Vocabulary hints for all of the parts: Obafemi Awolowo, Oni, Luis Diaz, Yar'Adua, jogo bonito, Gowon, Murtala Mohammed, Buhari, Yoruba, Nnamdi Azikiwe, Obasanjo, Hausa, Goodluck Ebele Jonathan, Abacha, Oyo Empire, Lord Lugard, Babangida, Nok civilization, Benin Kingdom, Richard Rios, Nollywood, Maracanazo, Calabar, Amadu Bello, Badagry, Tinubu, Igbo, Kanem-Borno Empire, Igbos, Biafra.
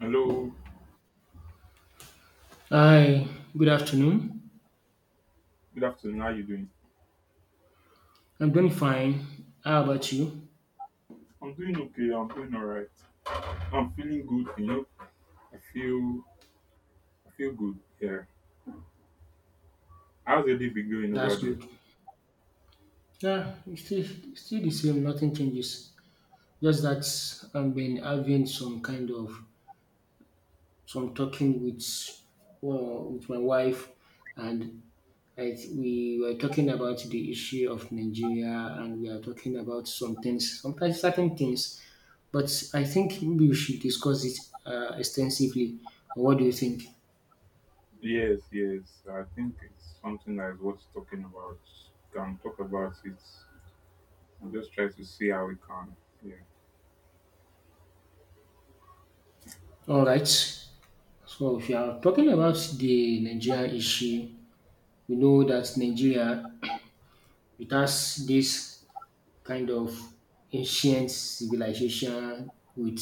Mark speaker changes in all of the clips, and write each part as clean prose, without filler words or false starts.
Speaker 1: Hello,
Speaker 2: Hi, good afternoon.
Speaker 1: good afternoon. How are you doing?
Speaker 2: I'm doing fine. How about you?
Speaker 1: I'm doing okay. I'm doing all right. I'm feeling good. You know, I feel I feel good. Yeah. How's your day been going over
Speaker 2: That's
Speaker 1: there?
Speaker 2: good. Yeah, it's still the same, nothing changes. Just that I've been having some kind of some talking with, well, with my wife, and we were talking about the issue of Nigeria, and we are talking about some things, sometimes certain things. But I think maybe we should discuss it extensively. What do you think?
Speaker 1: Yes, yes. I think it's something that is worth talking about. Can talk about it. I'm just trying to see how we can. Yeah.
Speaker 2: All right. So if you are talking about the Nigeria issue, we know that Nigeria, it has this kind of ancient civilization with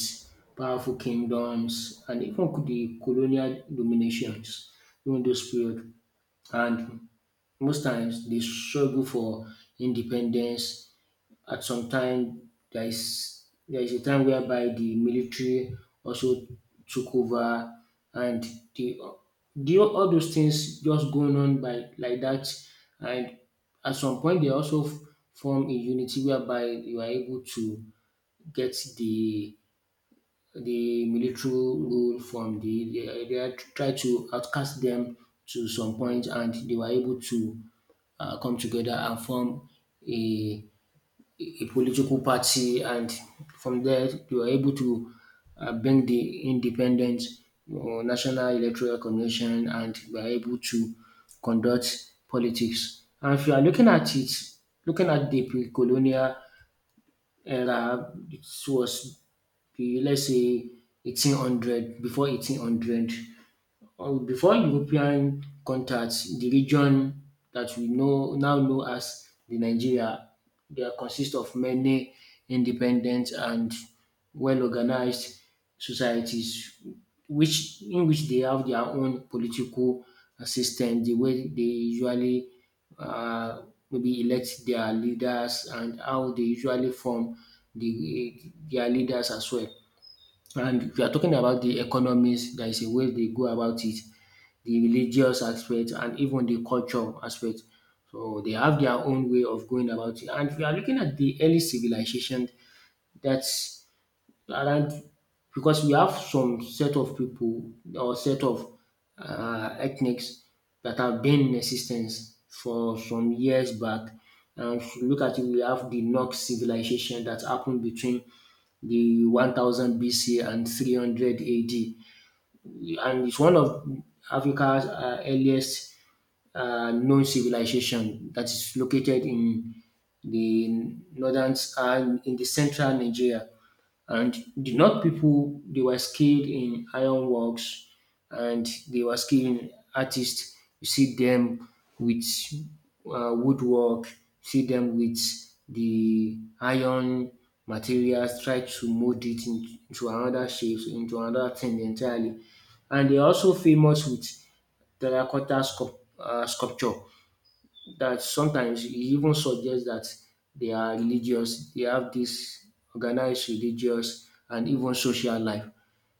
Speaker 2: powerful kingdoms and even the colonial dominations during those period. And most times they struggle for independence. At some time there is a time whereby the military also took over, and the the all those things just going on by like that. And at some point they also form a unity whereby you are able to get the military rule from the, they are try to outcast them to some point, and they were able to come together and form a a political party. And from there you are able to bring the independent or national electoral commission, and we are able to conduct politics. And if you are looking at it, looking at the pre-colonial era, it was the, let's say, 1800, before 1800 or before European contacts, the region that we know, now know as the Nigeria, they are consist of many independent and well-organized societies, which in which they have their own political system, the way they usually uh, maybe elect their leaders and how they usually form the their leaders as well. And if you are talking about the economies, there is a way they go about it, the religious aspect and even the culture aspect. So they have their own way of going about it. And if you are looking at the early civilization, that's around, because we have some set of people or set of ethnics that have been in existence for some years back. And if you look at it, we have the Nok civilization that happened between the 1000 BC and 300 AD. And it's one of Africa's earliest known civilization, that is located in the northern and in the central Nigeria. And the North people, they were skilled in ironworks and they were skilled in artists. You see them with woodwork, see them with the iron materials, try to mold it into another shape, into another thing entirely. And they're also famous with Теракота Скоп, е, Скопчук, that sometimes he even suggests that they are religious, they have this organized religious and even social life.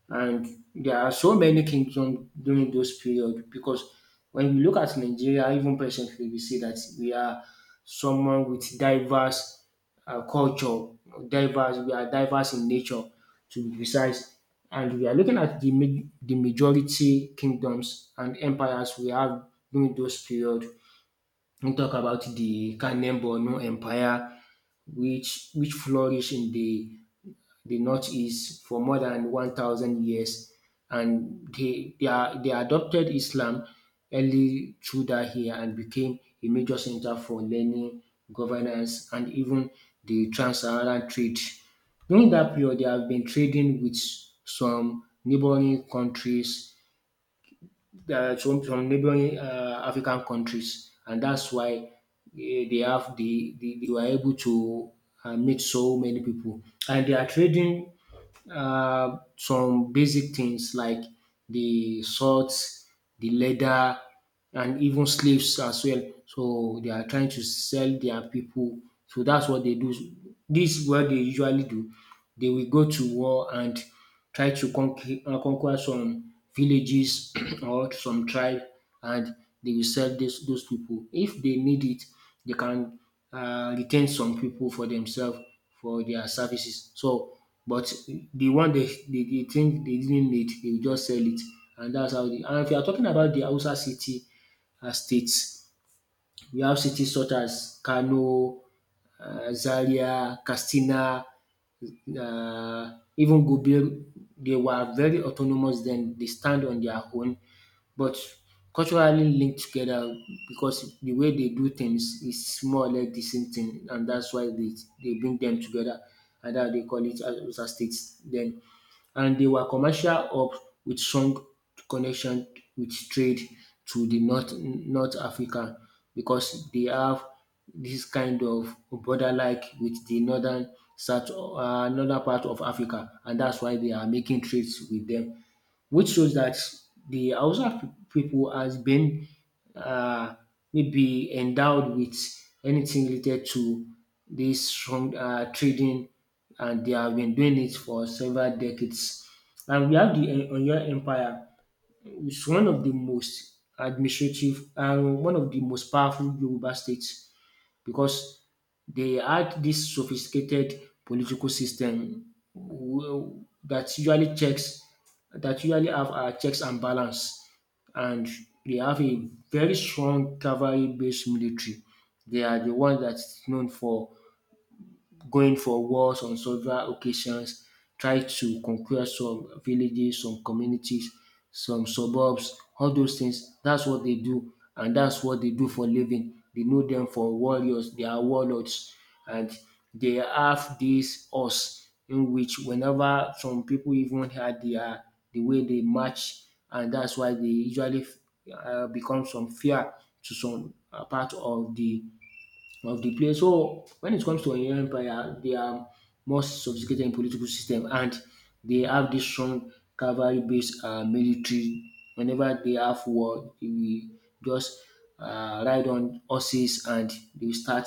Speaker 2: And there are so many kingdoms during those period, because when we look at Nigeria, even presently, we see that we are someone with diverse culture, we are diverse in nature, to be precise. And we are looking at the, the majority kingdoms and empires we have during those period. We talk about the Kanem-Borno Empire, which flourished in the northeast for more than 1,000 years, and they adopted Islam early through that here, and became a major center for learning, governance, and even the trans-Saharan trade. During that period, they have been trading with some neighboring countries, some from neighboring African countries, and that's why they have the, they were able to meet so many people, and they are trading some basic things like the salt, the leather, and even slaves as well. So they are trying to sell their people. So that's what they do. This is what they usually do. They will go to war and try to conquer, conquer some villages or some tribe, and they will sell those people. If they need it, they can retain some people for themselves for their services. So, but the one they think they didn't need, they will just sell it, and that's how the. And if you are talking about the Hausa city and state, we have cities such as Kano, Zaria, Katsina, even Gobir. They were very autonomous then, they stand on their own but culturally linked together, because the way they do things is more or less the same thing, and that's why they, bring them together, and that they call it Hausa states. Then, and they were commercial hubs with strong connection with trade to the North Africa, because they have this kind of border like with the northern south, northern part of Africa, and that's why they are making trades with them, which shows that the Hausa people has been uh, maybe endowed with anything related to this strong trading, and they have been doing it for several decades. And we have the Oyo Empire, which is one of the most administrative and one of the most powerful Yoruba states, because they had this sophisticated political system w- that usually checks that usually have checks and balance, and they have a very strong cavalry-based military. They are the one that's known for going for wars on several occasions, tried to conquer some villages, some communities, some suburbs, all those things. That's what they do, and that's what they do for living. They know them for warriors, they are warlords, and they have this us in which whenever some people even had their, the way they march, and that's why they usually become some fear to some part of the place. So when it comes to Nigerian Empire, they are more sophisticated in political system, and they have this strong cavalry based military. Whenever they have war, they will just ride on horses, and they will start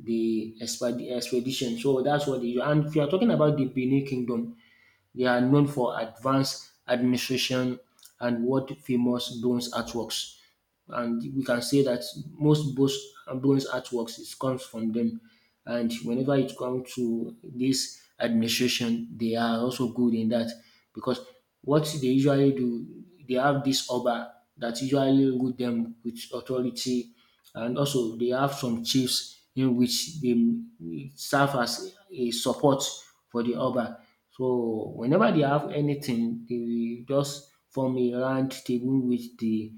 Speaker 2: the expedition. So that's what they do. And if you are talking about the Benin Kingdom, they are known for advanced administration and world famous bronze artworks, and we can say that most Bose Ambon's artworks is comes from them. And whenever it comes to this administration, they are also good in that, because what they usually do, they have this Oba that usually rule them with authority, and also they have some chiefs in which they serve as a support for the Oba. So whenever they have anything, they will just form a round table with the,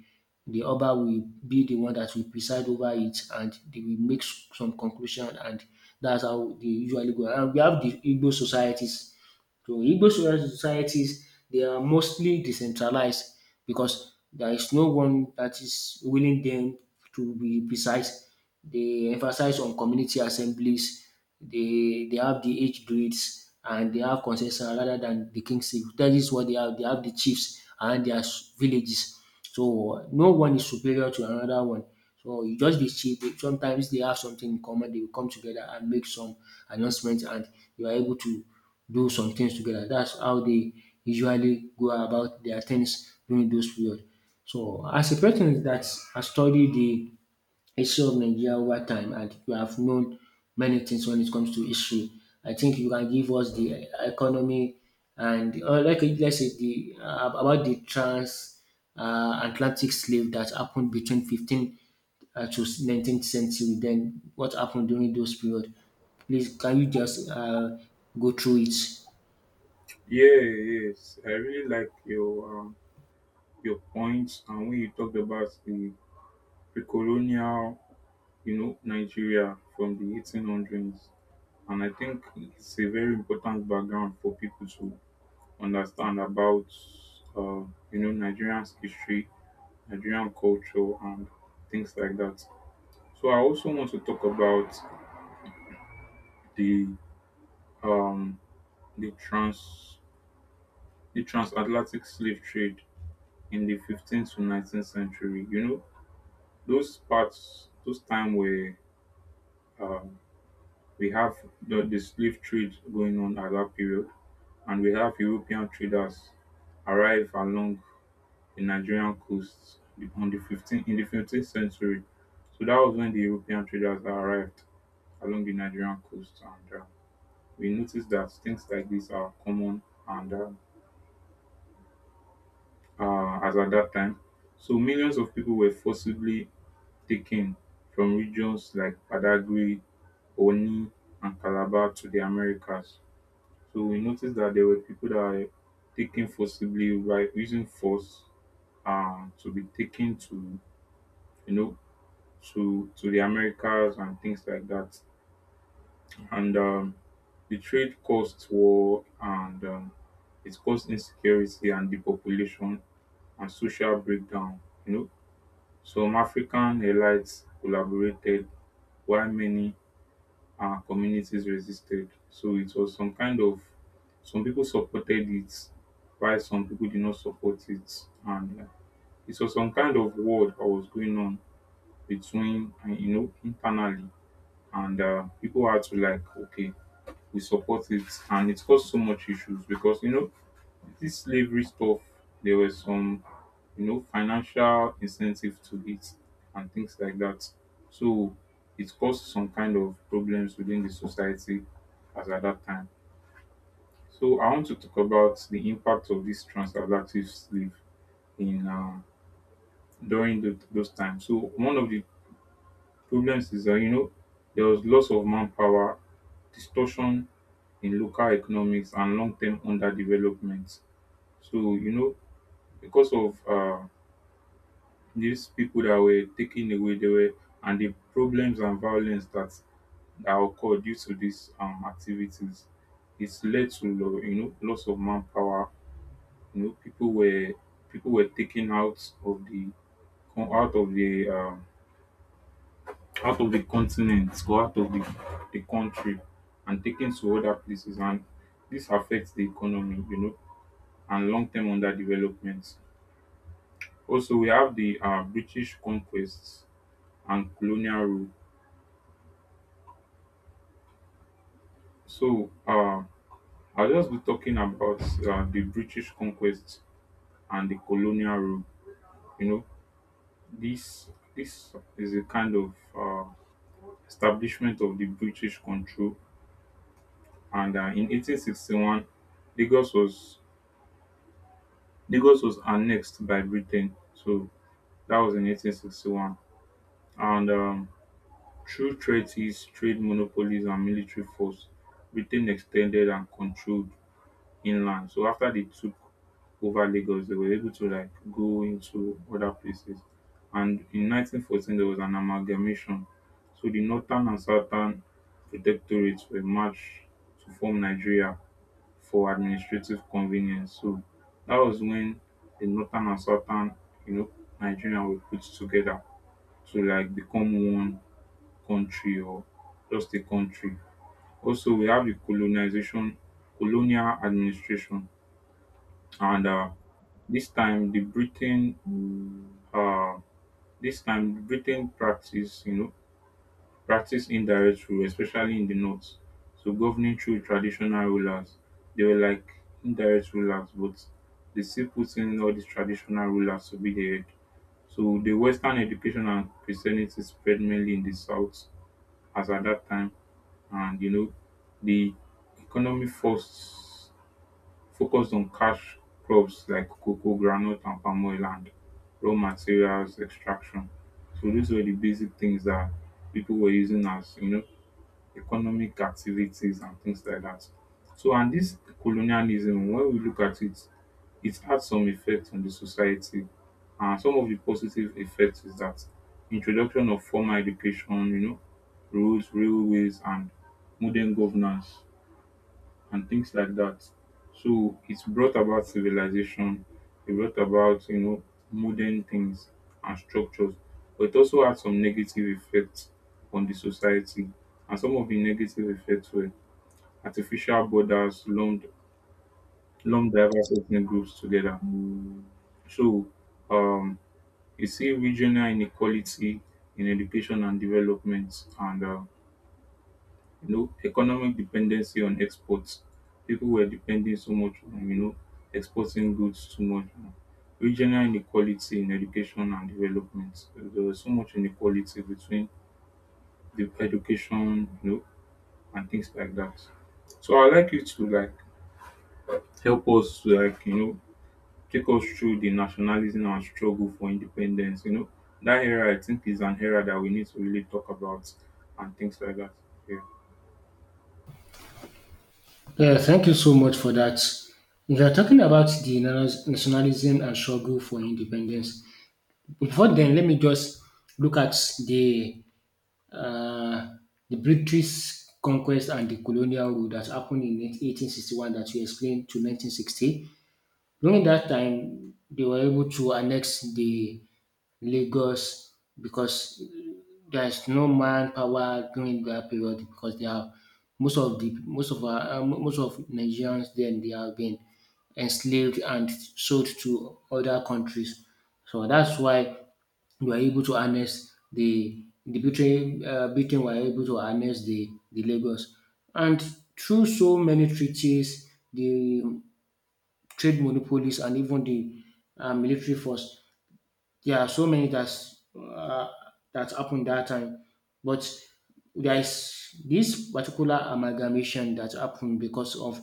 Speaker 2: Oba will be the one that will preside over it, and they will make some conclusion, and that's how they usually go. And we have the Igbo societies. So Igbo societies, they are mostly decentralized, because there is no one that is willing them, to be precise. They emphasize on community assemblies. They have the age grades, and they have consensus rather than the kingship. That is what they have. They have the chiefs and their villages. So no one is superior to another one. So you just be cheap. Sometimes they have something in common. They will come together and make some announcements, and you are able to do some things together. That's how they usually go about their things during those period. So as a person that has studied the history of Nigeria over time, and you have known many things when it comes to history, I think you can give us the economy, and like, let's say, the about the trans Atlantic slave that happened between 15 to 19th century. Then what happened during those period? Please, can you just go through it?
Speaker 1: Yeah. Yes. I really like your your points and when you talked about the pre-colonial, you know, Nigeria from the 1800s. And I think it's a very important background for people to understand about, uh, you know, Nigerian's history, Nigerian culture, and things like that. So I also want to talk about the um, the trans the transatlantic slave trade in the 15th to 19th century. You know, those parts, those time where um, we have the slave trade going on at that period, and we have European traders arrive along the Nigerian coast on the 15th century. So that was when the European traders arrived along the Nigerian coast, and we noticed that things like this are common and as at that time. So millions of people were forcibly taken from regions like Badagry, Oni, and Calabar to the Americas. So we noticed that there were people that were taken forcibly by using force to be taken to you know to the Americas and things like that. And the trade caused war and it caused insecurity and depopulation and social breakdown. You know, some African elites collaborated while many communities resisted. So it was some kind of some people supported it, while some people did not support it, and it was some kind of war that was going on between you know internally and people had to like, okay, we support it, and it caused so much issues because you know this slavery stuff there were some, you know, financial incentive to it and things like that. So it caused some kind of problems within the society as at that time. So I want to talk about the impact of this transatlantic slave in during those times. So one of the problems is that, you know, there was loss of manpower, distortion in local economics, and long term underdevelopment. So, you know, because of these people that were taken away, they were, and the problems and violence that, that occurred due to these activities, it's led to, you know, loss of manpower. You know, people were taken out of the come out of the continent or out of the country and taken to other places, and this affects the economy, you know, and long-term underdevelopment. Also we have the British conquests and colonial rule. So I'll just be talking about the British conquest and the colonial rule. You know, this is a kind of establishment of the British control, and in 1861 lagos was Lagos was annexed by Britain, so that was in 1861. And through treaties, trade monopolies, and military force, Britain extended and controlled inland. So after they took over Lagos, they were able to like go into other places. And in 1914, there was an amalgamation. So the northern and southern protectorates were merged to form Nigeria for administrative convenience. So that was when the northern and southern, you know, Nigeria were put together to like become one country or just a country. Also, we have the colonization, colonial administration, and this time the Britain, uh, this time Britain practice, you know, practised indirect rule, especially in the north, so governing through traditional rulers. They were like indirect rulers, but they still put in all these traditional rulers to be the head. So the Western education and Christianity spread mainly in the south as at that time. And you know, the economy first focused on cash crops like cocoa, groundnut, and palm oil, and raw materials extraction. So those were the basic things that people were using as, you know, economic activities and things like that. So and this colonialism, when we look at it, it had some effect on the society. And some of the positive effects is that introduction of formal education, you know, roads, railways, and modern governance and things like that. So it's brought about civilization, it brought about, you know, modern things and structures, but it also had some negative effects on the society. And some of the negative effects were artificial borders lumped, lumped diverse ethnic groups together. So um, you see regional inequality in education and development, and you know, economic dependency on exports. People were depending so much on, you know, exporting goods too much. Regional inequality in education and development. There was so much inequality between the education, you know, and things like that. So I'd like you to like help us to like, you know, take us through the nationalism and struggle for independence. You know, that era I think is an era that we need to really talk about and things like that. Yeah.
Speaker 2: Yeah, thank you so much for that. We are talking about the nationalism and struggle for independence. Before then, let me just look at the uh, the British conquest and the colonial rule that happened in 1861 that you explained to 1960. During that time, they were able to annex the Lagos, because there's no manpower during that period, because they are, most of our, most of Nigerians then, they have been enslaved and sold to other countries. So that's why we were able to annex Britain were able to annex the Lagos, and through so many treaties, the trade monopolies, and even the military force. There are so many that's that happened that time, but there is this particular amalgamation that happened because of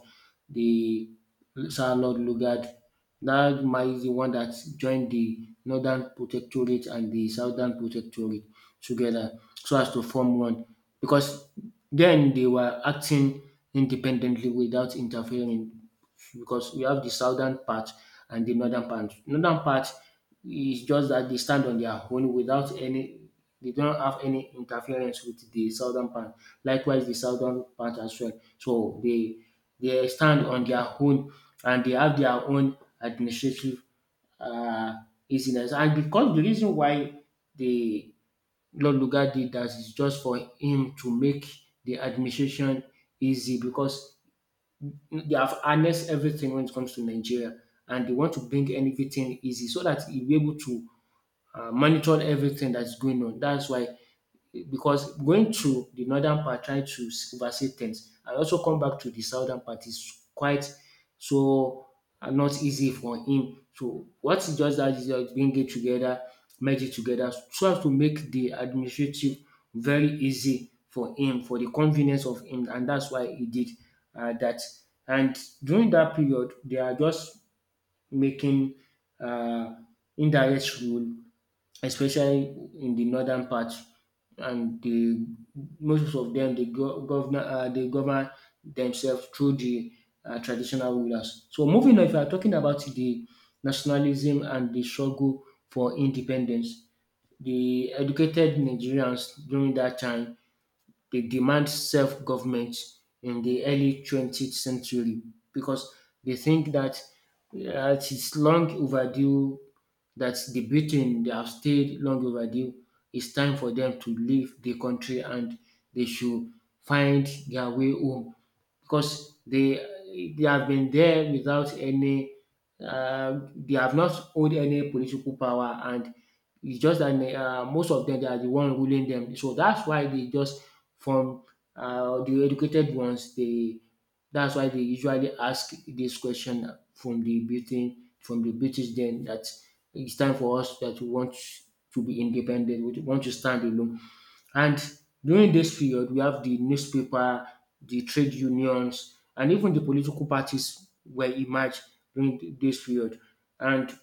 Speaker 2: the Sir Lord Lugard. That might the one that joined the Northern Protectorate and the Southern Protectorate together, so as to form one. Because then they were acting independently without interfering, because we have the southern part and the northern part. Northern part, it's just that they stand on their own without any, they don't have any interference with the southern part. Likewise, the southern part as well. So they, stand on their own, and they have their own administrative uh, easiness. And because the reason why the Lord Lugard did that is just for him to make the administration easy, because they have harnessed everything when it comes to Nigeria, and they want to bring everything easy so that he'll be able to monitored everything that's going on. That's why, because going through the northern part, trying to oversee things, and also come back to the southern part is quite so not easy for him. So what he just does is just bring it together, merge it together, so as to make the administrative very easy for him, for the convenience of him, and that's why he did that. And during that period, they are just making uh, indirect rule, especially in the northern part. And the most of them, they they govern themselves through the traditional rulers. So moving on, if you are talking about the nationalism and the struggle for independence, the educated Nigerians during that time they demand self-government in the early 20th century, because they think that it is long overdue, that the Britain they have stayed long overdue. It's time for them to leave the country and they should find their way home, because they have been there without any they have not owned any political power. And it's just that they, most of them they are the one ruling them, so that's why they just from the educated ones they, that's why they usually ask this question from the Britain, from the British then, that it's time for us, that we want to be independent, we want to stand alone. And during this period we have the newspaper, the trade unions, and even the political parties were emerged during this period. And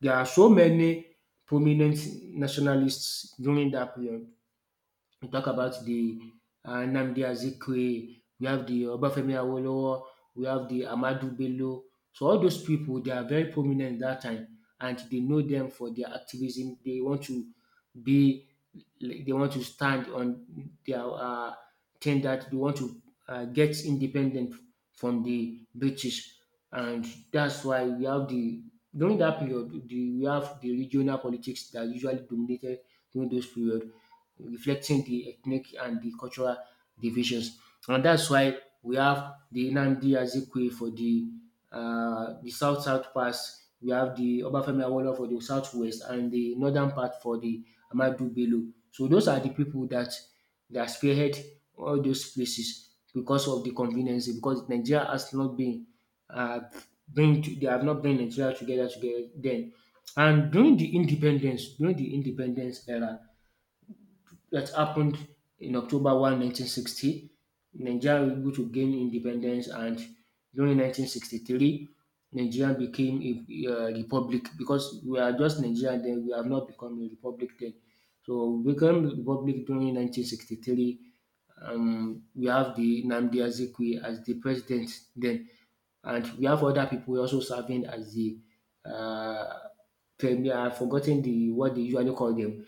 Speaker 2: there are so many prominent nationalists during that period. We talk about the Nnamdi Azikiwe, we have the Obafemi Awolowo, we have the Amadu Bello. So all those people, they are very prominent that time, and they know them for their activism. They want to be, like, they want to stand on their thing, that they want to get independent from the British. And that's why we have the, during that period, we have the regional politics that usually dominated during those period, reflecting the ethnic and the cultural divisions. And that's why we have the Nnamdi Azikiwe for the south south pass. We have the Obafemi Awolowo for the southwest, and the northern part for the Amadu Bello. So those are the people that spearhead all those places because of the convenience. Because Nigeria has not been uh, they have not bring Nigeria together together then. And during the independence era, that happened in October 1, 1960. Nigeria was able to gain independence, and during 1963, Nigeria became a republic, because we are just Nigeria then, we have not become a republic then. So we became a republic during 1963. We have the Nnamdi Azikiwe as the president then, and we have other people also serving as the uh, premier. I've forgotten the what they usually call them.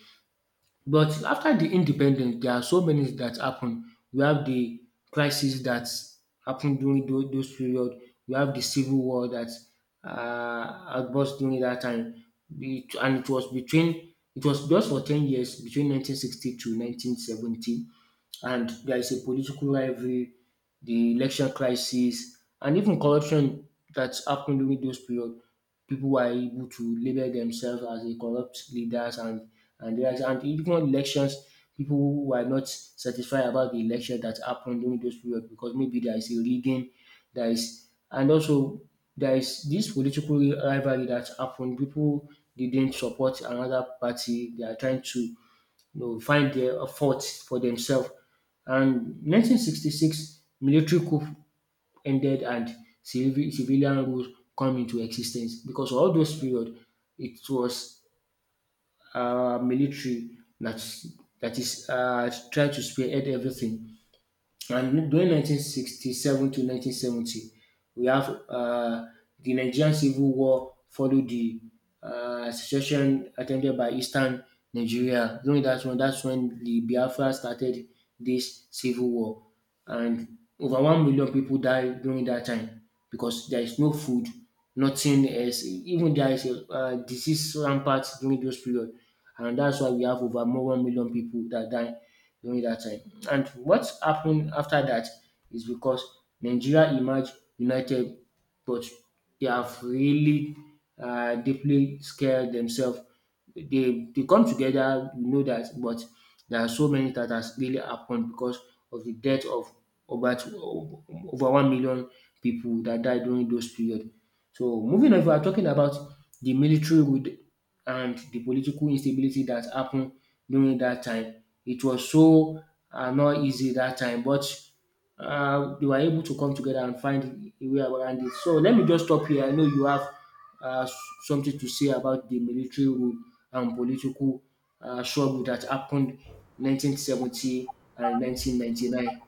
Speaker 2: But after the independence, there are so many that happen. We have the crisis that happened during those period. We have the civil war that burst during that time. And it was between, it was just for 10 years, between 1960 to 1970. And there is a political rivalry, the election crisis, and even corruption that happened during those period. People were able to label themselves as a corrupt leaders and leaders, and even elections. People who were not satisfied about the election that happened during those period, because maybe there is a rigging, there is, and also there is this political rivalry that happened. People didn't support another party. They are trying to, you know, find their faults for themselves. And 1966 military coup ended and civilian rule come into existence, because all those period it was military that is trying to spearhead everything. And during 1967 to 1970, we have the Nigerian Civil War followed the secession attempted by Eastern Nigeria. During that one, that's when the Biafra started this civil war, and over 1 million people died during that time, because there is no food, nothing else. Even there is a disease rampant during those period, and that's why we have over more 1 million people that die during that time. And what's happened after that is because Nigeria emerged united, but they have really deeply scared themselves. They come together, we know that, but there are so many that has really happened because of the death of over two, over 1 million people that died during those period. So moving on, if we are talking about the military rule and the political instability that happened during that time, it was so not easy that time. But they were able to come together and find a way around it. So let me just stop here. I know you have uh, s- something to say about the military rule and political struggle that happened 1970 and 1999.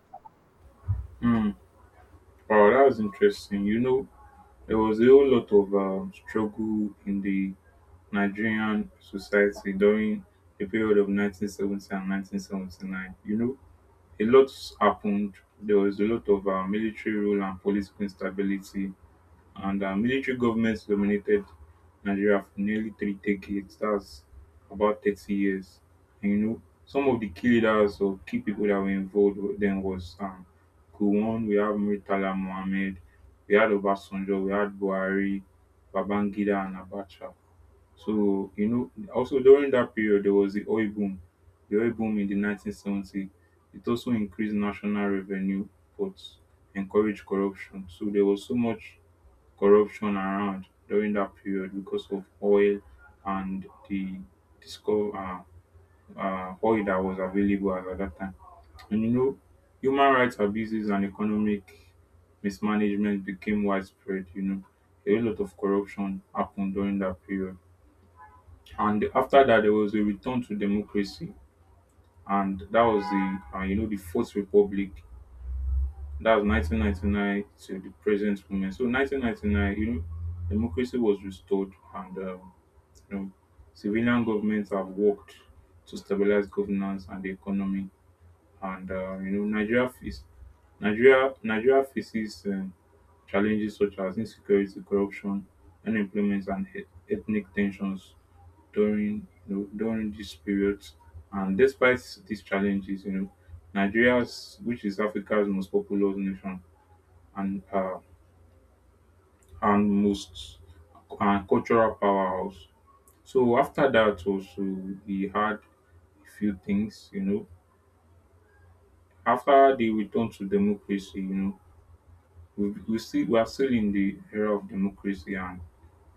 Speaker 1: Hmm. Wow, that was interesting. You know, there was a whole lot of struggle in the Nigerian society during the period of 1970 and 1979. You know, a lot happened. There was a lot of military rule and political instability, and military governments dominated Nigeria for nearly three decades. That's about 30 years. And you know, some of the key leaders or key people that were involved then was Gowon, we have Murtala Mohammed, we had Obasanjo, we had Buhari, Babangida, and Abacha. So, you know, also during that period, there was the oil boom in the 1970s. It also increased national revenue, but encouraged corruption. So there was so much corruption around during that period because of oil and the discover oil that was available as at that time. And you know, human rights abuses and economic mismanagement became widespread. You know, a lot of corruption happened during that period, and after that, there was a return to democracy, and that was the you know the Fourth Republic. That was 1999 to the present moment. So 1999, you know, democracy was restored. And. Um, You know, Civilian governments have worked to stabilize governance and the economy, and you know Nigeria faces challenges such as insecurity, corruption, unemployment, and ethnic tensions during, you know, during these periods. And despite these challenges, you know, Nigeria's, which is Africa's most populous nation and uh, and most and cultural powerhouse. So after that also, we had few things, you know. After the return to democracy, you know, we are still in the era of democracy, and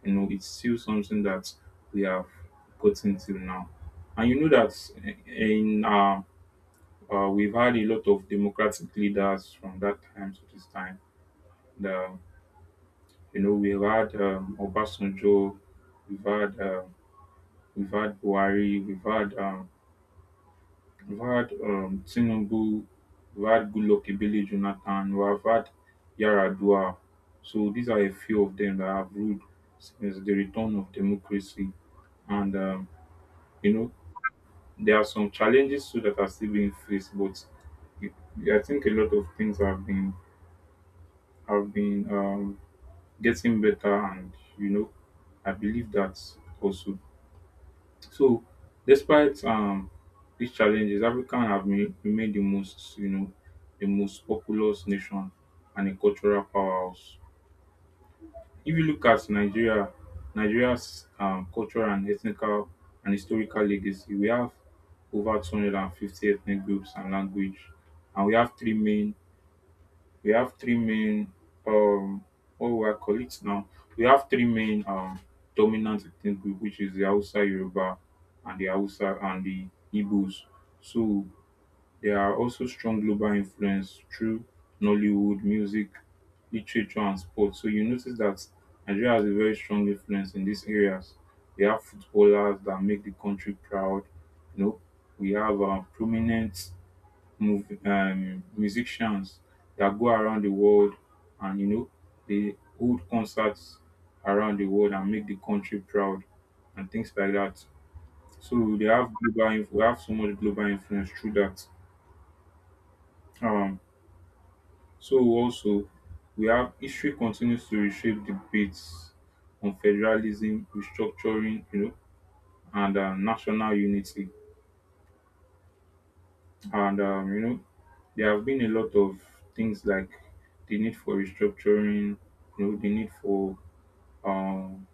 Speaker 1: you know it's still something that we have gotten till now. And you know that eh, in we've had a lot of democratic leaders from that time to this time. The you know we've had Obasanjo, we've had um, we've had Buhari, we've had We've had Tinubu, we've had Goodluck Ebele Jonathan, we've had Yar'Adua. So these are a few of them that have ruled since the return of democracy. And you know, there are some challenges too that are still being faced, but I think a lot of things have been have been um, getting better, and you know, I believe that also. So despite these challenges, Africa have remained the most, you know, the most populous nation and a cultural powerhouse. If you look at Nigeria, Nigeria's cultural and ethnical and historical legacy, we have over 250 ethnic groups and language, and we have three main we have three main um what will I call it now? We have three main dominant ethnic group, which is the Hausa and the Igbos. So there are also strong global influence through Nollywood, music, literature, and sports. So you notice that Nigeria has a very strong influence in these areas. We have footballers that make the country proud, you know, we have prominent musicians that go around the world, and you know they hold concerts around the world and make the country proud and things like that. So they have global inf- we have so much global influence through that. Um, so also we have history continues to reshape debates on federalism, restructuring, you know, and national unity. And you know, there have been a lot of things like the need for restructuring, you know, the need for um,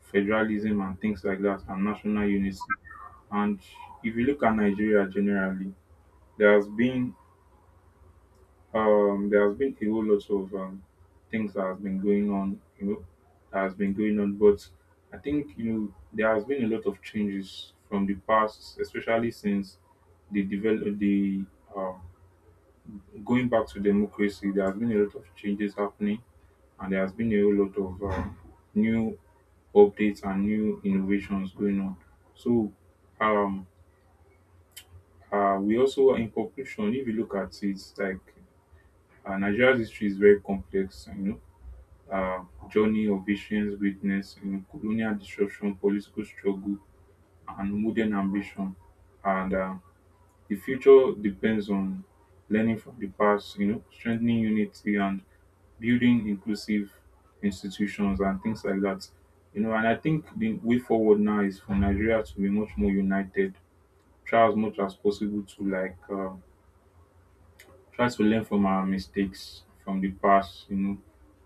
Speaker 1: federalism and things like that, and national unity. And if you look at Nigeria generally, there has been a whole lot of things that has been going on, you know, that has been going on. But I think you know there has been a lot of changes from the past, especially since the develop the um, going back to democracy, there has been a lot of changes happening, and there has been a whole lot of new updates and new innovations going on. So, um, we also, in conclusion, if you look at it, like Nigeria's history is very complex, you know, journey of visions, witness, you know, colonial disruption, political struggle, and modern ambition. And the future depends on learning from the past, you know, strengthening unity and building inclusive institutions and things like that. You know, and I think the way forward now is for Nigeria to be much more united, try as much as possible to like try to learn from our mistakes from the past. You know,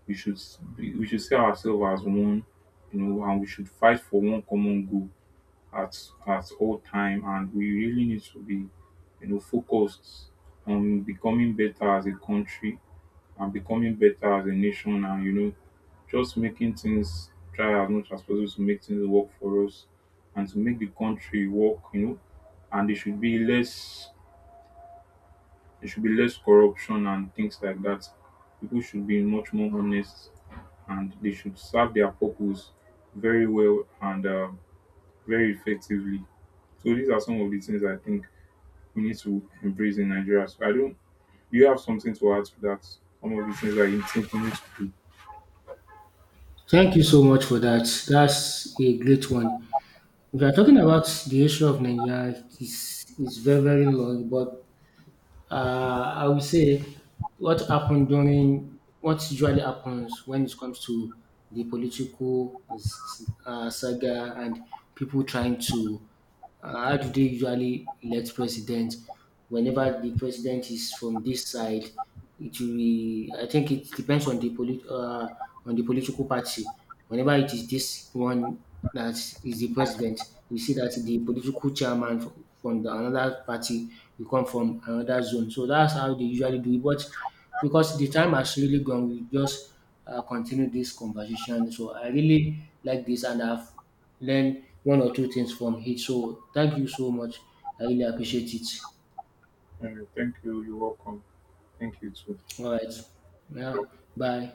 Speaker 1: we should see ourselves as one. You know, and we should fight for one common goal at at all time. And we really need to be, you know, focused on becoming better as a country and becoming better as a nation. And you know, just making things try as much as possible to make things work for us and to make the country work, you know. And there should be less corruption and things like that. People should be much more honest, and they should serve their purpose very well and very effectively. So these are some of the things I think we need to embrace in Nigeria. So I don't, do you have something to add to that? Some of the things that you think we need to do.
Speaker 2: Thank you so much for that. That's a great one. If you're talking about the issue of Nigeria, it's very, very long. But I would say what happened during, what usually happens when it comes to the political saga, and people trying to, how do they usually elect president? Whenever the president is from this side, it will be, I think it depends on the polit on the political party. Whenever it is this one that is the president, you see that the political chairman from, the another party will come from another zone. So that's how they usually do it. But because the time has really gone, we just continue this conversation. So I really like this, and I've learned one or two things from it. So thank you so much. I really appreciate it.
Speaker 1: Thank you, you're welcome. Thank you too.
Speaker 2: All right. Yeah. Bye.